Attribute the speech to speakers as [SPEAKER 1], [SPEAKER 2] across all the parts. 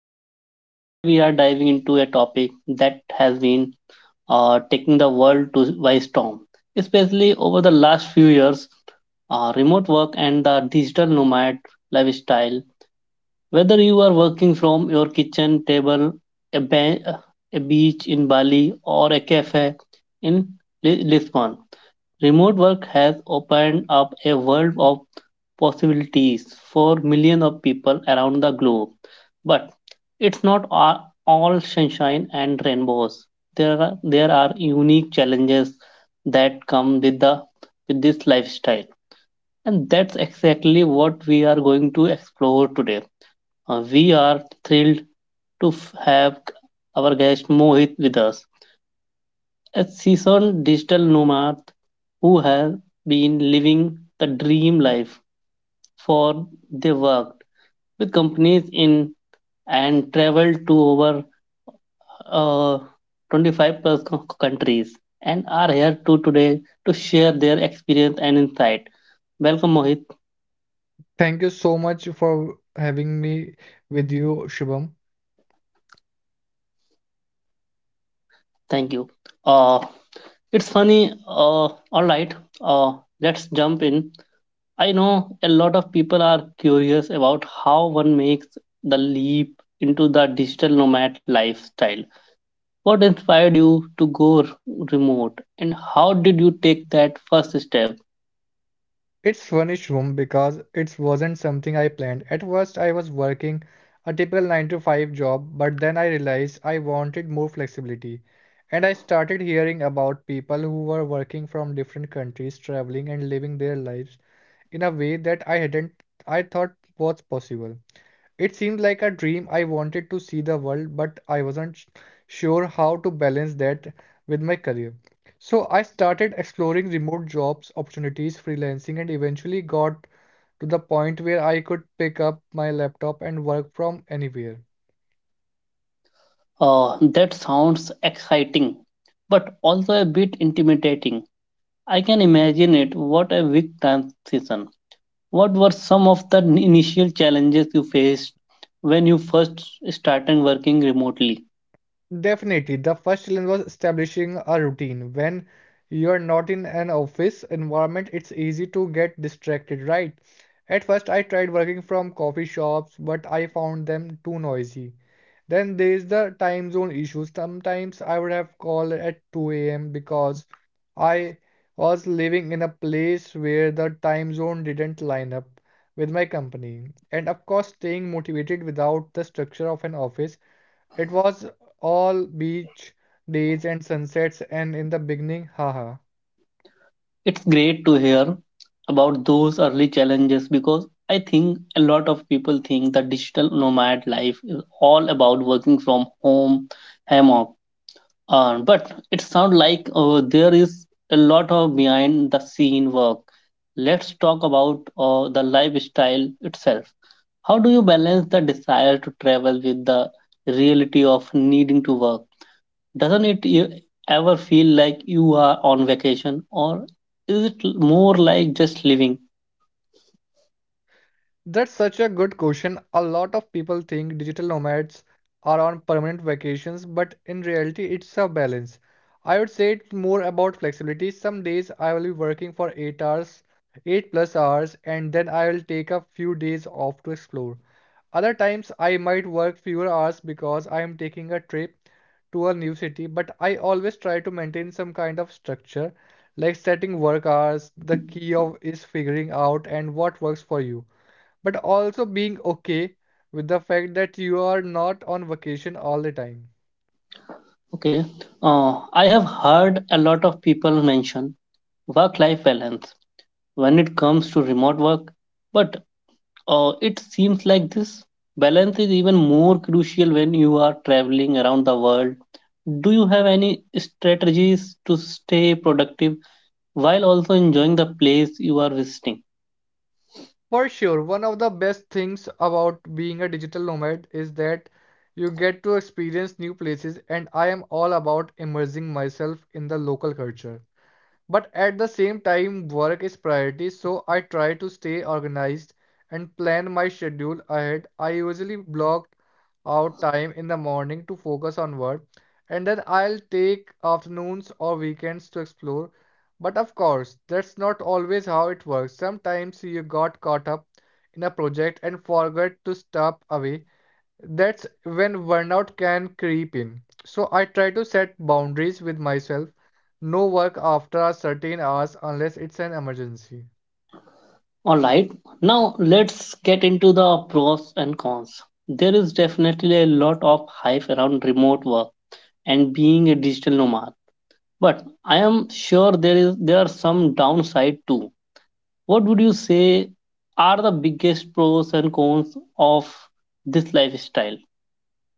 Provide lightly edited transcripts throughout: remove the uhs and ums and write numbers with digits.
[SPEAKER 1] Shubham Talk. Today we are diving into a topic that has been taking the world to by storm, especially over the last few years. Remote work and the digital nomad lifestyle. Whether you are working from your kitchen table, a, ba- a beach in Bali, or a cafe in Lisbon, remote work has opened up a world of possibilities for millions of people around the globe. But it's not a- all sunshine and rainbows. There are unique challenges that come with the with this lifestyle. And that's exactly what we are going to explore today. We are thrilled to have our guest Mohit with us, a seasoned digital nomad who has been living the dream life. For they worked with companies in and traveled to over uh, 25 plus countries and are here to today to share their experience and insight. Welcome, Mohit.
[SPEAKER 2] Thank you so much for having me with you, Shubham.
[SPEAKER 1] Thank you. uh, it's funny. uh, all right. uh, let's jump in. I know a lot of people are curious about how one makes the leap into the digital nomad lifestyle. What inspired you to go remote, and how did you take that first step?
[SPEAKER 2] It's funny, Shubham, because it wasn't something I planned. At first, I was working a typical 9 to 5 job, but then I realized I wanted more flexibility. And I started hearing about people who were working from different countries, traveling and living their lives in a way that I hadn't I thought was possible. It seemed like a dream. I wanted to see the world, but I wasn't sure how to balance that with my career. So I started exploring remote jobs, opportunities, freelancing, and eventually got to the point where I could pick up my laptop and work from anywhere.
[SPEAKER 1] That sounds exciting, but also a bit intimidating. I can imagine it. What a big transition. What were some of the initial challenges you faced when you first started working remotely?
[SPEAKER 2] Definitely, the first challenge was establishing a routine. When you're not in an office environment, it's easy to get distracted, right? At first, I tried working from coffee shops, but I found them too noisy. Then there's the time zone issue. Sometimes I would have called at 2 a.m. because I was living in a place where the time zone didn't line up with my company. And of course, staying motivated without the structure of an office, it was all beach days and sunsets and in the beginning, haha.
[SPEAKER 1] It's great to hear about those early challenges, because I think a lot of people think that digital nomad life is all about working from home, hammock. But it sounds like there is a lot of behind the scene work. Let's talk about the lifestyle itself. How do you balance the desire to travel with the reality of needing to work? Doesn't it ever feel like you are on vacation, or is it more like just living?
[SPEAKER 2] That's such a good question. A lot of people think digital nomads are on permanent vacations, but in reality, it's a balance. I would say it's more about flexibility. Some days I will be working for 8 hours, 8 plus hours, and then I will take a few days off to explore. Other times I might work fewer hours because I am taking a trip to a new city, but I always try to maintain some kind of structure, like setting work hours. The key of is figuring out and what works for you, but also being okay with the fact that you are not on vacation all the time.
[SPEAKER 1] Okay. I have heard a lot of people mention work life balance when it comes to remote work, but it seems like this balance is even more crucial when you are traveling around the world. Do you have any strategies to stay productive while also enjoying the place you are visiting?
[SPEAKER 2] For sure, one of the best things about being a digital nomad is that you get to experience new places, and I am all about immersing myself in the local culture. But at the same time, work is priority, so I try to stay organized and plan my schedule ahead. I usually block out time in the morning to focus on work, and then I'll take afternoons or weekends to explore. But of course, that's not always how it works. Sometimes you got caught up in a project and forgot to step away. That's when burnout can creep in. So I try to set boundaries with myself. No work after certain hours unless it's an emergency.
[SPEAKER 1] All right, now let's get into the pros and cons. There is definitely a lot of hype around remote work and being a digital nomad, but I am sure there is there are some downside too. What would you say are the biggest pros and cons of this lifestyle?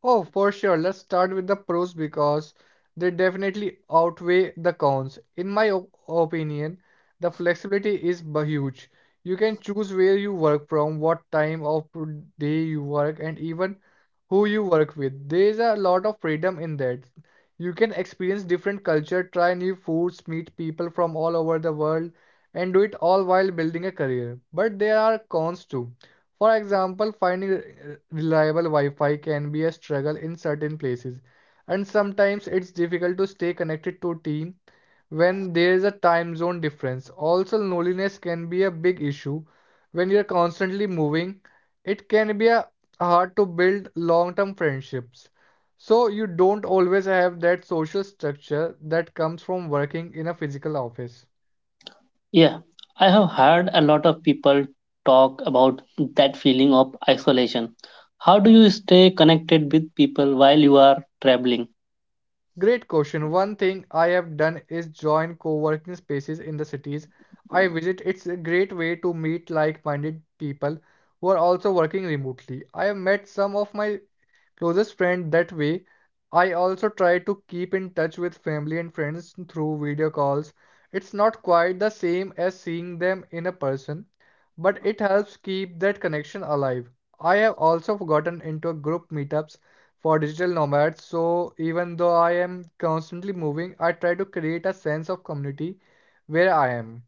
[SPEAKER 2] Oh, for sure. Let's start with the pros because they definitely outweigh the cons. In my opinion, the flexibility is huge. You can choose where you work from, what time of day you work, and even who you work with. There's a lot of freedom in that. You can experience different culture, try new foods, meet people from all over the world, and do it all while building a career. But there are cons too. For example, finding reliable Wi-Fi can be a struggle in certain places, and sometimes it's difficult to stay connected to team when there is a time zone difference. Also, loneliness can be a big issue when you're constantly moving. It can be a hard to build long-term friendships. So you don't always have that social structure that comes from working in a physical office.
[SPEAKER 1] Yeah, I have heard a lot of people talk about that feeling of isolation. How do you stay connected with people while you are traveling?
[SPEAKER 2] Great question. One thing I have done is join co-working spaces in the cities I visit. It's a great way to meet like-minded people who are also working remotely. I have met some of my closest friend that way. I also try to keep in touch with family and friends through video calls. It's not quite the same as seeing them in a person, but it helps keep that connection alive. I have also gotten into group meetups for digital nomads, so even though I am constantly moving, I try to create a sense of community where I am.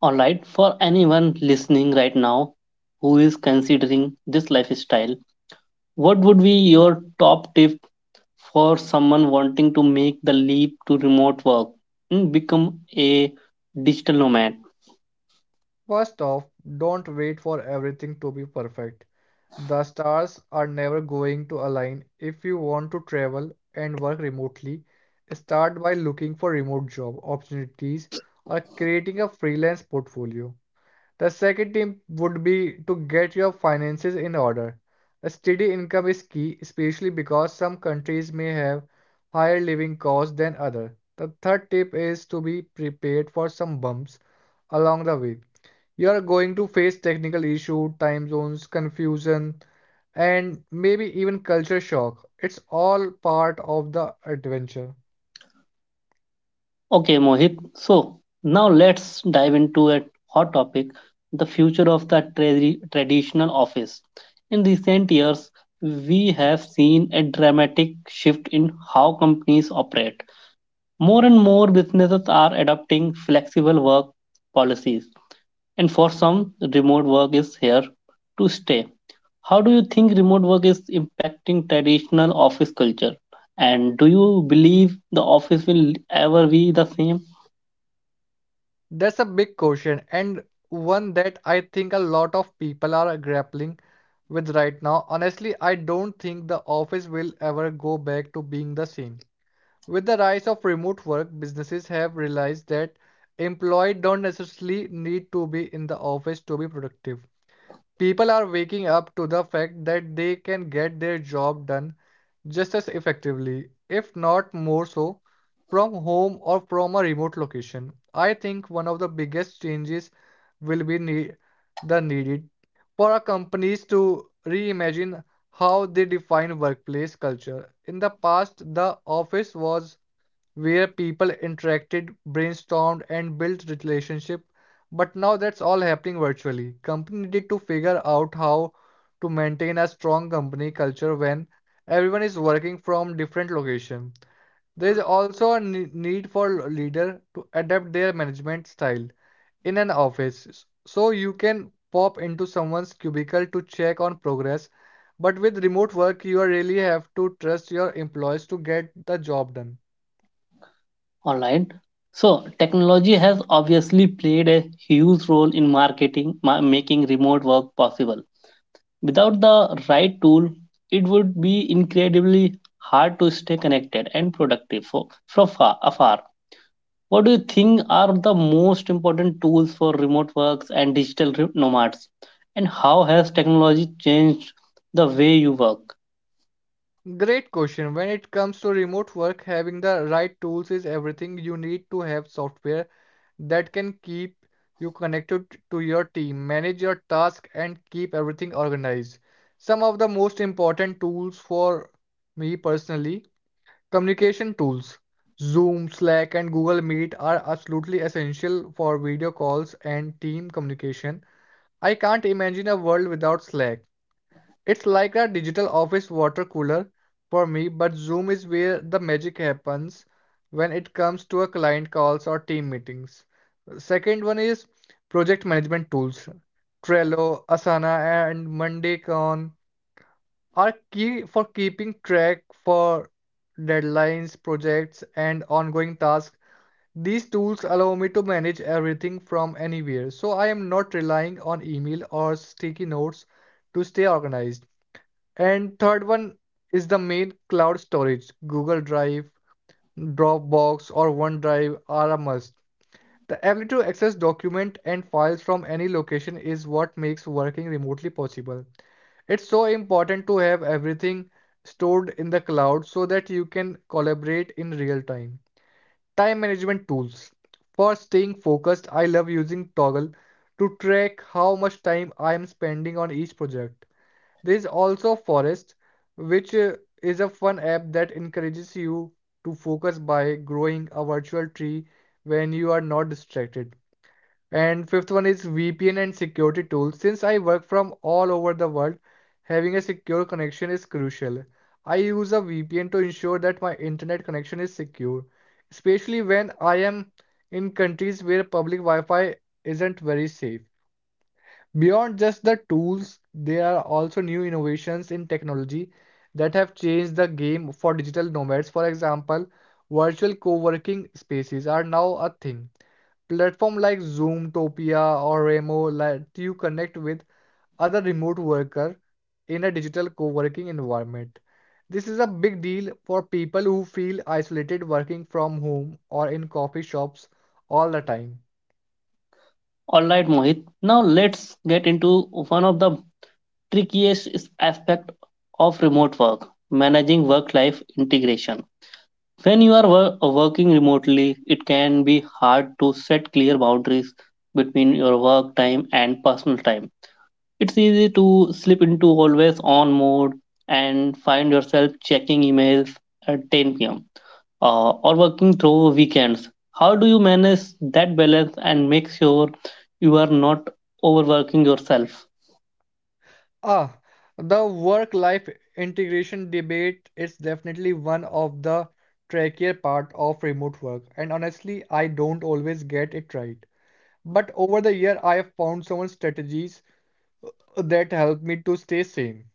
[SPEAKER 1] Alright, for anyone listening right now who is considering this lifestyle, what would be your top tip for someone wanting to make the leap to remote work and become a digital nomad?
[SPEAKER 2] First off, don't wait for everything to be perfect. The stars are never going to align. If you want to travel and work remotely, start by looking for remote job opportunities or creating a freelance portfolio. The second tip would be to get your finances in order. A steady income is key, especially because some countries may have higher living costs than others. The third tip is to be prepared for some bumps along the way. You are going to face technical issues, time zones, confusion, and maybe even culture shock. It's all part of the adventure.
[SPEAKER 1] Okay, Mohit, so now let's dive into a hot topic, the future of the traditional office. In recent years, we have seen a dramatic shift in how companies operate. More and more businesses are adopting flexible work policies, and for some, remote work is here to stay. How do you think remote work is impacting traditional office culture? And do you believe the office will ever be the same?
[SPEAKER 2] That's a big question, and one that I think a lot of people are grappling with right now. Honestly, I don't think the office will ever go back to being the same. With the rise of remote work, businesses have realized that employees don't necessarily need to be in the office to be productive. People are waking up to the fact that they can get their job done just as effectively, if not more so, from home or from a remote location. I think one of the biggest changes will be the needed for our companies to reimagine how they define workplace culture. In the past, the office was where people interacted, brainstormed, and built relationship. But now that's all happening virtually. Company need to figure out how to maintain a strong company culture when everyone is working from different location. There is also a need for leader to adapt their management style in an office. So you can pop into someone's cubicle to check on progress, but with remote work you really have to trust your employees to get the job done.
[SPEAKER 1] Alright. So, technology has obviously played a huge role in marketing, making remote work possible. Without the right tool, it would be incredibly hard to stay connected and productive for, from far, afar. What do you think are the most important tools for remote works and digital nomads? And how has technology changed the way you work?
[SPEAKER 2] Great question. When it comes to remote work, having the right tools is everything. You need to have software that can keep you connected to your team, manage your task, and keep everything organized. Some of the most important tools for me personally, communication tools. Zoom, Slack, and Google Meet are absolutely essential for video calls and team communication. I can't imagine a world without Slack. It's like a digital office water cooler for me, but Zoom is where the magic happens when it comes to a client calls or team meetings. Second one is project management tools. Trello, Asana, and MondayCon are key for keeping track for deadlines, projects, and ongoing tasks. These tools allow me to manage everything from anywhere, so I am not relying on email or sticky notes to stay organized. And third one is the main cloud storage. Google Drive, Dropbox, or OneDrive are a must. The ability to access documents and files from any location is what makes working remotely possible. It's so important to have everything stored in the cloud so that you can collaborate in real time. Time management tools. For staying focused, I love using Toggle to track how much time I am spending on each project. There is also Forest, which is a fun app that encourages you to focus by growing a virtual tree when you are not distracted. And fifth one is VPN and security tools. Since I work from all over the world, having a secure connection is crucial. I use a VPN to ensure that my internet connection is secure, especially when I am in countries where public Wi-Fi isn't very safe. Beyond just the tools, there are also new innovations in technology that have changed the game for digital nomads. For example, virtual co-working spaces are now a thing. Platform like Zoom, Topia, or Remo let you connect with other remote worker in a digital co-working environment. This is a big deal for people who feel isolated working from home or in coffee shops all the time.
[SPEAKER 1] All right, Mohit. Now let's get into one of the trickiest aspect of remote work, managing work-life integration. When you are working remotely, it can be hard to set clear boundaries between your work time and personal time. It's easy to slip into always on mode and find yourself checking emails at 10 p.m., or working through weekends. How do you manage that balance and make sure you are not overworking yourself?
[SPEAKER 2] Ah, the work-life integration debate is definitely one of the trickier part of remote work, and honestly, I don't always get it right. But over the year, I have found some strategies that help me to stay sane.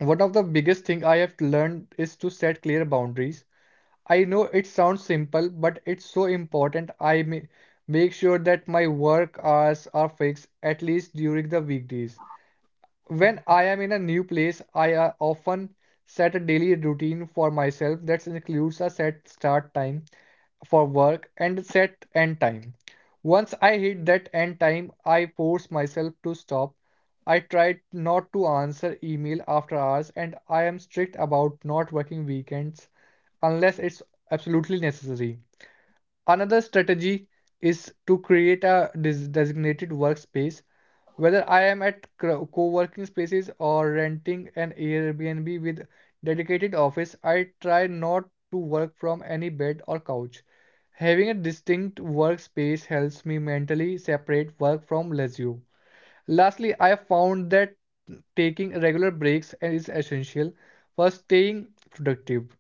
[SPEAKER 2] One of the biggest thing I have learned is to set clear boundaries. I know it sounds simple, but it's so important. I make sure that my work hours are fixed at least during the weekdays. When I am in a new place, I often set a daily routine for myself that includes a set start time for work and set end time. Once I hit that end time, I force myself to stop. I try not to answer email after hours and I am strict about not working weekends unless it's absolutely necessary. Another strategy is to create a designated workspace. Whether I am at co working spaces or renting an Airbnb with dedicated office, I try not to work from any bed or couch. Having a distinct workspace helps me mentally separate work from leisure. Lastly, I found that taking regular breaks is essential for staying productive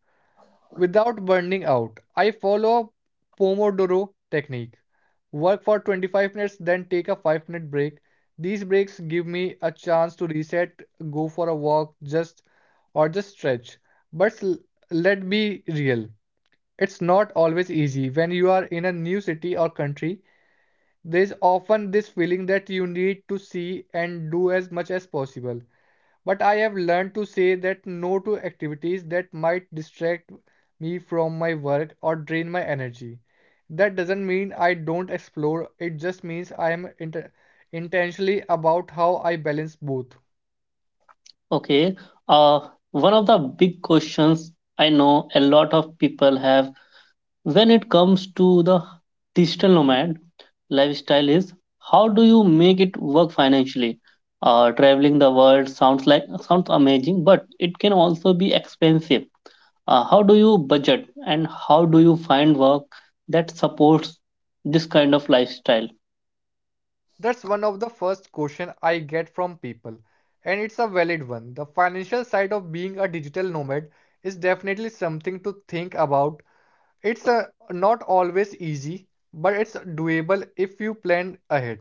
[SPEAKER 2] without burning out. I follow Pomodoro technique. Work for 25 minutes, then take a 5-minute break. These breaks give me a chance to reset, go for a walk, just or just stretch. But let's be real. It's not always easy. When you are in a new city or country, there is often this feeling that you need to see and do as much as possible. But I have learned to say that no to activities that might distract me from my work or drain my energy. That doesn't mean I don't explore, it just means I am intentionally about how I balance both.
[SPEAKER 1] Okay, uh, one of the big questions I know a lot of people have when it comes to the digital nomad lifestyle is, how do you make it work financially? Traveling the world sounds like sounds amazing, but it can also be expensive. How do you budget, and how do you find work that supports this kind of lifestyle?
[SPEAKER 2] That's one of the first question I get from people, and it's a valid one. The financial side of being a digital nomad is definitely something to think about. It's not always easy, but it's doable if you plan ahead.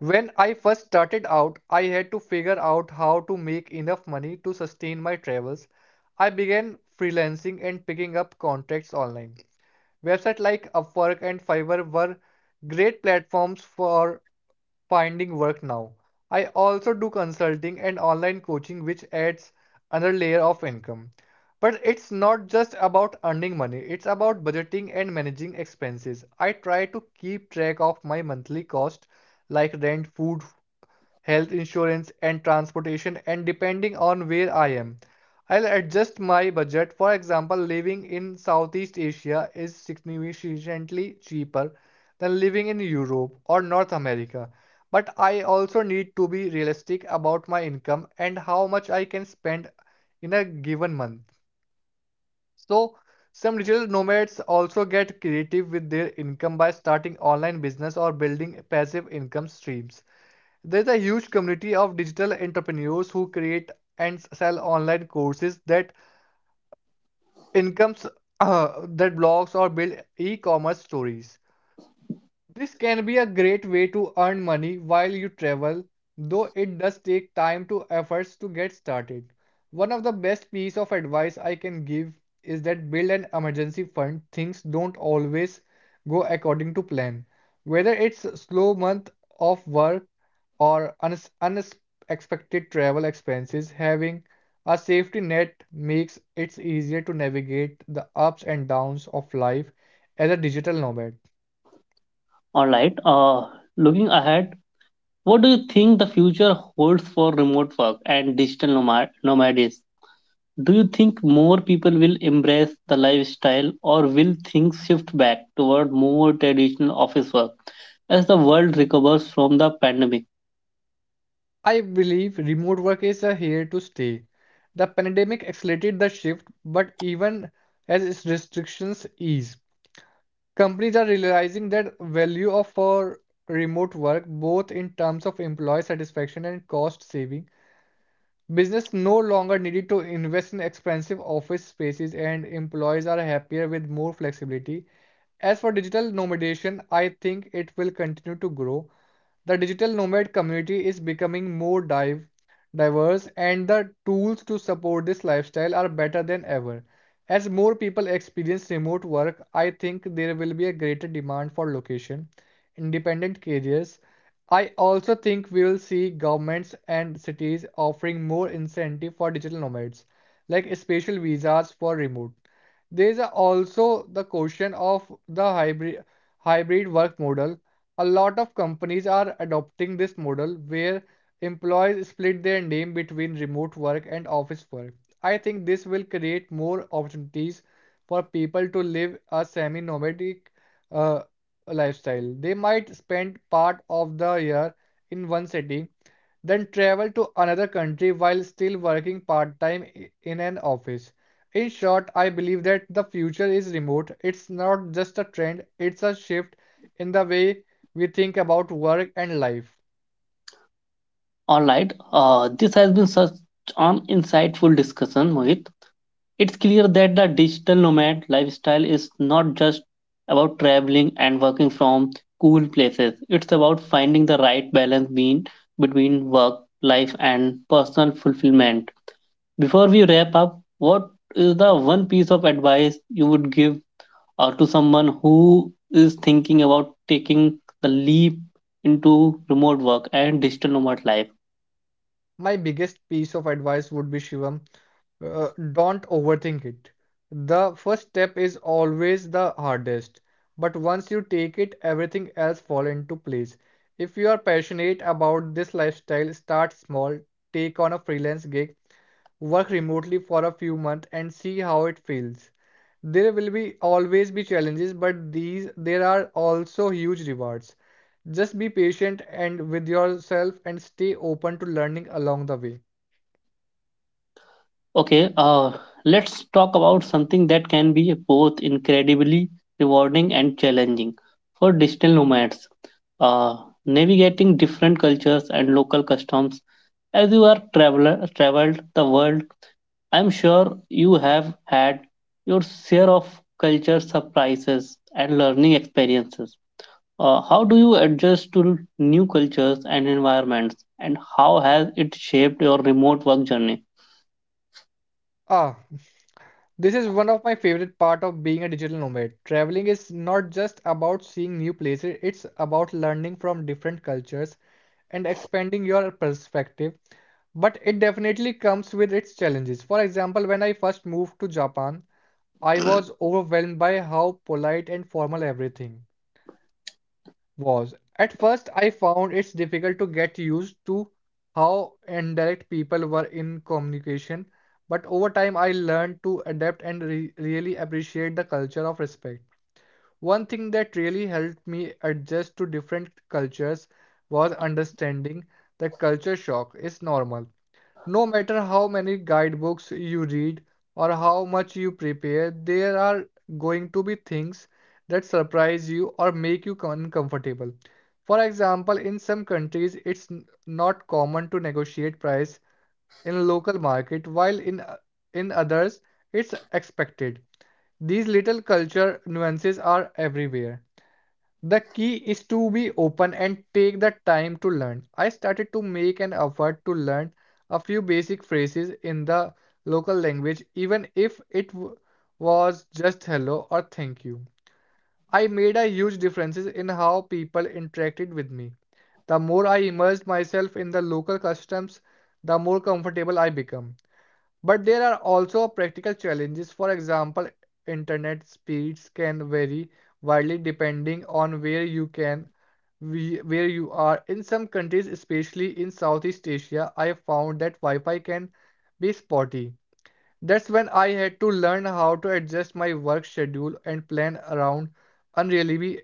[SPEAKER 2] When I first started out, I had to figure out how to make enough money to sustain my travels. I began freelancing and picking up contracts online. Websites like Upwork and Fiverr were great platforms for finding work now. I also do consulting and online coaching, which adds another layer of income. But it's not just about earning money, it's about budgeting and managing expenses. I try to keep track of my monthly cost like rent, food, health insurance, and transportation, and depending on where I am. I'll adjust my budget. For example, living in Southeast Asia is significantly cheaper than living in Europe or North America. But I also need to be realistic about my income and how much I can spend in a given month. So, some digital nomads also get creative with their income by starting online business or building passive income streams. There's a huge community of digital entrepreneurs who create and sell online courses that incomes that blogs or build e-commerce stories. This can be a great way to earn money while you travel, though it does take time to efforts to get started. One of the best piece of advice I can give is that build an emergency fund. Things don't always go according to plan. Whether it's a slow month of work or unexpected travel expenses, having a safety net makes it easier to navigate the ups and downs of life as a digital nomad.
[SPEAKER 1] All right. Looking ahead, what do you think the future holds for remote work and digital nomad nomad is? Do you think more people will embrace the lifestyle, or will things shift back toward more traditional office work as the world recovers from the pandemic?
[SPEAKER 2] I believe remote work is here to stay. The pandemic accelerated the shift, but even as its restrictions ease, companies are realizing that value of for remote work both in terms of employee satisfaction and cost saving. Business no longer needed to invest in expensive office spaces and employees are happier with more flexibility. As for digital nomadation, I think it will continue to grow. The digital nomad community is becoming more diverse, and the tools to support this lifestyle are better than ever. As more people experience remote work, I think there will be a greater demand for location independent careers. I also think we will see governments and cities offering more incentive for digital nomads, like special visas for remote. There is also the question of the hybrid work model a lot of companies are adopting this model where employees split their name between remote work and office work. I think this will create more opportunities for people to live a semi-nomadic uh, lifestyle. They might spend part of the year in one city, then travel to another country while still working part-time in an office. In short, I believe that the future is remote. It's not just a trend, it's a shift in the way we think about work and life.
[SPEAKER 1] All right, this has been such an insightful discussion, Mohit. It's clear that the digital nomad lifestyle is not just about traveling and working from cool places, it's about finding the right balance between, between work, life, and personal fulfillment. Before we wrap up, what is the one piece of advice you would give to someone who is thinking about taking the leap into remote work and digital nomad life?
[SPEAKER 2] My biggest piece of advice would be Shivam, don't overthink it. The first step is always the hardest, but once you take it, everything else fall into place. If you are passionate about this lifestyle, start small, take on a freelance gig, work remotely for a few months and see how it feels. There will be always be challenges, but these there are also huge rewards. Just be patient and with yourself and stay open to learning along the way.
[SPEAKER 1] Okay. Let's talk about something that can be both incredibly rewarding and challenging for digital nomads. Uh, Navigating different cultures and local customs. As you are traveler traveled the world, I'm sure you have had your share of culture surprises and learning experiences. How do you adjust to new cultures and environments, and how has it shaped your remote work journey?
[SPEAKER 2] Ah, this is one of my favorite part of being a digital nomad. Traveling is not just about seeing new places, it's about learning from different cultures and expanding your perspective. But it definitely comes with its challenges. For example, when I first moved to Japan, I was overwhelmed by how polite and formal everything was. At first, I found it's difficult to get used to how indirect people were in communication, but over time, I learned to adapt and really appreciate the culture of respect. One thing that really helped me adjust to different cultures was understanding that culture shock is normal. No matter how many guidebooks you read or how much you prepare, there are going to be things that surprise you or make you uncomfortable. For example, in some countries, it's not common to negotiate price in local market, while in others, it's expected. These little culture nuances are everywhere. The key is to be open and take the time to learn. I started to make an effort to learn a few basic phrases in the local language, even if it w- was just hello or thank you. I made a huge difference in how people interacted with me. The more I immersed myself in the local customs, the more comfortable I became. But there are also practical challenges. For example, internet speeds can vary widely depending on where you are. In some countries, especially in Southeast Asia, I found that Wi-Fi can be spotty. That's when I had to learn how to adjust my work schedule and plan around unreliably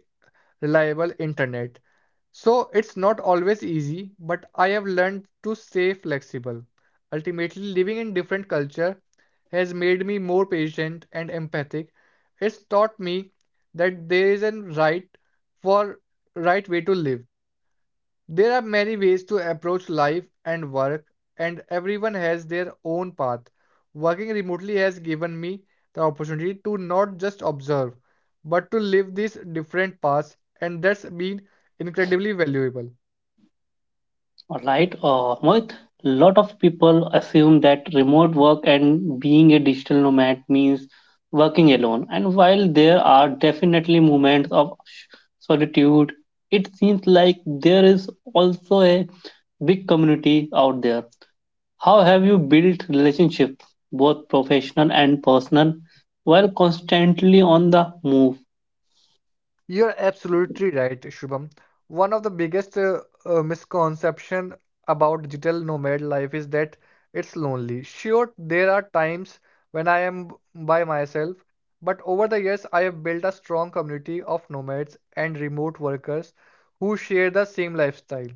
[SPEAKER 2] reliable internet. So it's not always easy, but I have learned to stay flexible. Ultimately, living in different culture has made me more patient and empathic. It's taught me that there is a right for right way to live. There are many ways to approach life and work, and everyone has their own path. Working remotely has given me the opportunity to not just observe, but to live these different paths, and that's been incredibly valuable.
[SPEAKER 1] All right, Mohit, lot of people assume that remote work and being a digital nomad means working alone. And while there are definitely moments of solitude, it seems like there is also a big community out there. How have you built relationship, both professional and personal, while constantly on the move?
[SPEAKER 2] You're absolutely right, Shubham. One of the biggest misconception about digital nomad life is that it's lonely. Sure, there are times when I am b- by myself, but over the years I have built a strong community of nomads and remote workers who share the same lifestyle.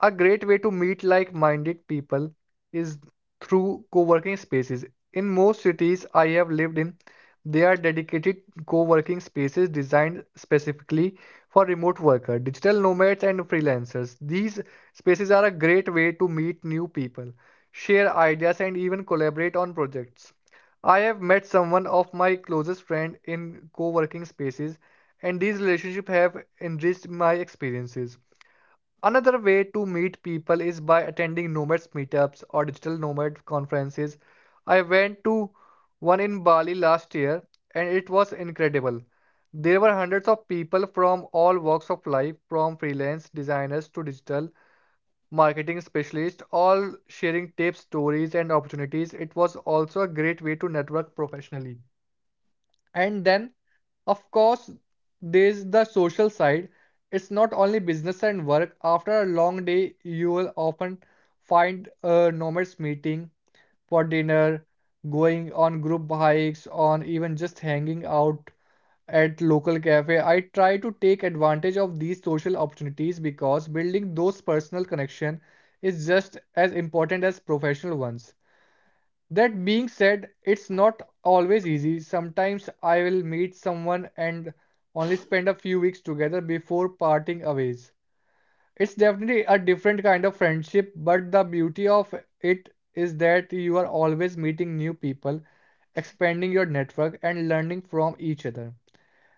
[SPEAKER 2] A great way to meet like minded people is through co working spaces. In most cities I have lived in, there are dedicated co working spaces designed specifically for remote workers, digital nomads, and freelancers. These spaces are a great way to meet new people, share ideas, and even collaborate on projects. I have met someone of my closest friend in co working spaces, and these relationships have enriched my experiences. Another way to meet people is by attending nomads meetups or digital nomad conferences. I went to one in Bali last year and it was incredible. There were hundreds of people from all walks of life, from freelance designers to digital marketing specialists, all sharing tips, stories, and opportunities. It was also a great way to network professionally. And then, of course, there's the social side. It's not only business and work. After a long day, you will often find nomads meeting for dinner, going on group hikes, on even just hanging out at local cafe. I try to take advantage of these social opportunities because building those personal connection is just as important as professional ones. That being said, it's not always easy. Sometimes I will meet someone and only spend a few weeks together before parting ways. It's definitely a different kind of friendship, but the beauty of it is that you are always meeting new people, expanding your network, and learning from each other.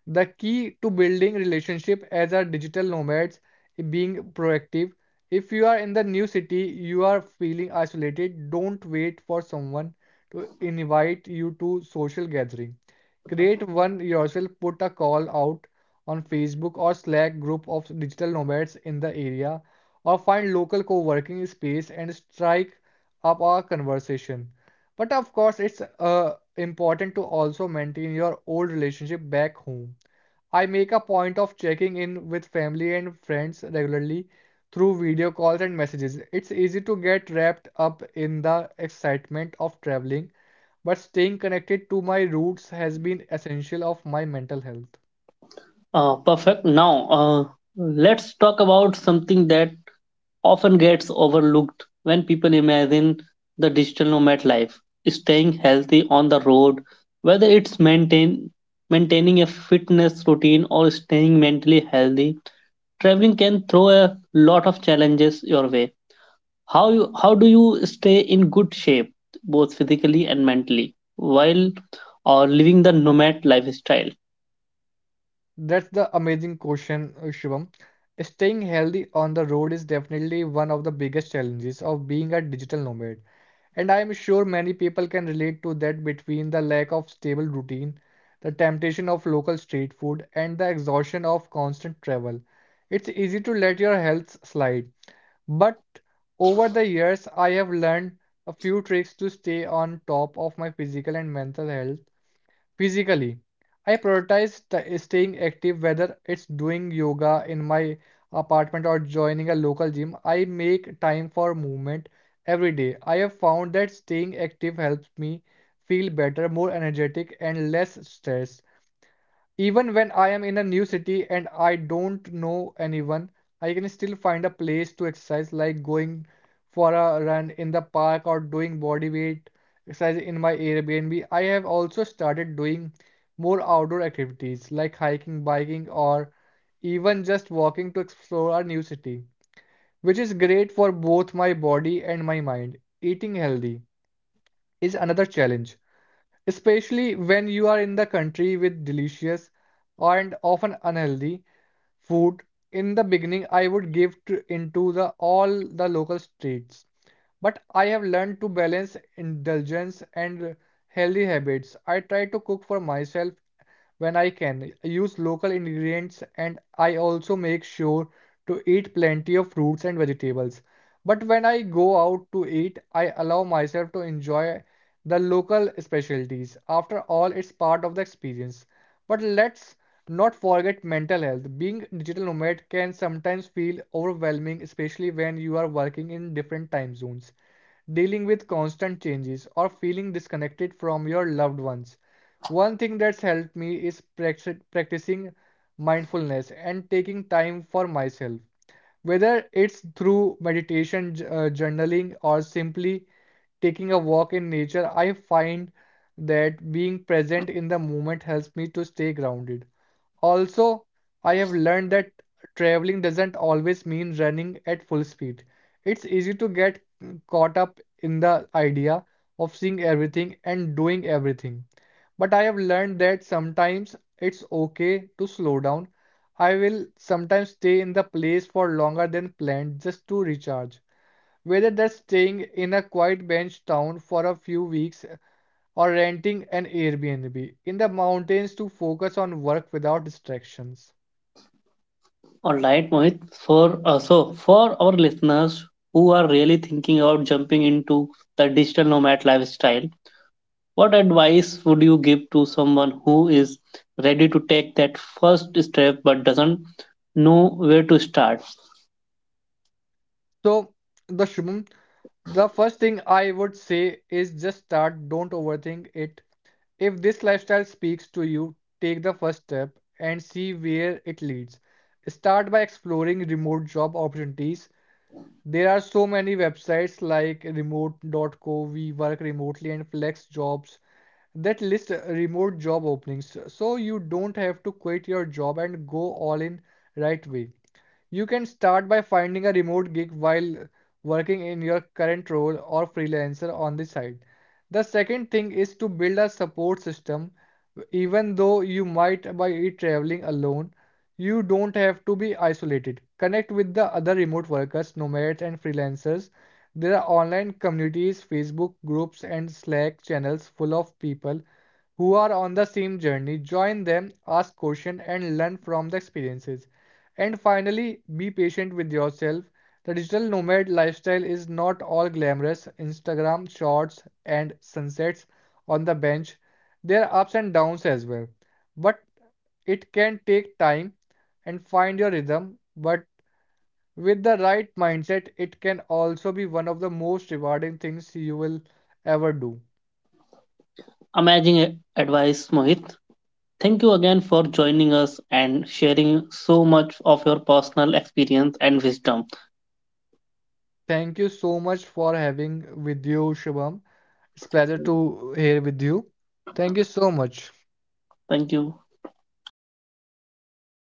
[SPEAKER 2] The key to building relationship as a digital nomads is being proactive. If you are in the new city, you are feeling isolated, don't wait for someone to invite you to social gathering. Create one yourself, put a call out on Facebook or Slack group of digital nomads in the area, or find local co-working space and strike up a conversation. But of course, it's important to also maintain your old relationship back home. I make a point of checking in with family and friends regularly through video calls and messages. It's easy to get wrapped up in the excitement of traveling, but staying connected to my roots has been essential of my mental health.
[SPEAKER 1] Perfect. Now, let's talk about something that often gets overlooked when people imagine the digital nomad life: staying healthy on the road, whether it's maintaining a fitness routine or staying mentally healthy. Traveling can throw a lot of challenges your way. How do you stay in good shape both physically and mentally while or living the nomad lifestyle?
[SPEAKER 2] That's the amazing question, Shubham. Staying healthy on the road is definitely one of the biggest challenges of being a digital nomad. And I am sure many people can relate to that between the lack of stable routine, the temptation of local street food, and the exhaustion of constant travel. It's easy to let your health slide, but over the years, I have learned a few tricks to stay on top of my physical and mental health. Physically, I prioritize staying active, whether it's doing yoga in my apartment or joining a local gym. I make time for movement every day. I have found that staying active helps me feel better, more energetic, and less stressed. Even when I am in a new city and I don't know anyone, I can still find a place to exercise, like going for a run in the park or doing body weight exercise in my Airbnb. I have also started doing more outdoor activities like hiking, biking, or even just walking to explore a new city, which is great for both my body and my mind. Eating healthy is another challenge, especially when you are in the country with delicious and often unhealthy food. In the beginning, I would give to, into the all the local streets, but I have learned to balance indulgence and healthy habits. I try to cook for myself when I can. I use local ingredients and I also make sure to eat plenty of fruits and vegetables. But when I go out to eat, I allow myself to enjoy the local specialties. After all, it's part of the experience. But let's not forget mental health. Being digital nomad can sometimes feel overwhelming, especially when you are working in different time zones, dealing with constant changes, or feeling disconnected from your loved ones. One thing that's helped me is practicing mindfulness and taking time for myself. Whether it's through meditation, journaling, or simply taking a walk in nature, I find that being present in the moment helps me to stay grounded. Also, I have learned that traveling doesn't always mean running at full speed. It's easy to get caught up in the idea of seeing everything and doing everything. But I have learned that sometimes it's okay to slow down. I will sometimes stay in the place for longer than planned just to recharge. Whether that's staying in a quiet bench town for a few weeks or renting an Airbnb in the mountains to focus on work without distractions.
[SPEAKER 1] All right, Mohit. For so for our listeners who are really thinking about jumping into the digital nomad lifestyle, what advice would you give to someone who is ready to take that first step but doesn't know where to start?
[SPEAKER 2] So, the Shubham, the first thing I would say is just start, don't overthink it. If this lifestyle speaks to you, take the first step and see where it leads. Start by exploring remote job opportunities. There are so many websites like remote.co, we work remotely and flex jobs that list remote job openings, so you don't have to quit your job and go all in right away. You can start by finding a remote gig while working in your current role or freelancer on the side. The second thing is to build a support system. Even though you might be traveling alone, you don't have to be isolated. Connect with the other remote workers, nomads, and freelancers. There are online communities, Facebook groups, and Slack channels full of people who are on the same journey. Join them, ask questions, and learn from the experiences. And finally, be patient with yourself. The digital nomad lifestyle is not all glamorous Instagram shorts and sunsets on the bench. There are ups and downs as well. But it can take time and find your rhythm. But with the right mindset, it can also be one of the most rewarding things you will ever do.
[SPEAKER 1] Amazing advice, Mohit. Thank you again for joining us and sharing so much of your personal experience and wisdom.
[SPEAKER 2] Thank you so much for having with you, Shubham. It's a pleasure to hear with you. Thank you so much.
[SPEAKER 1] Thank you.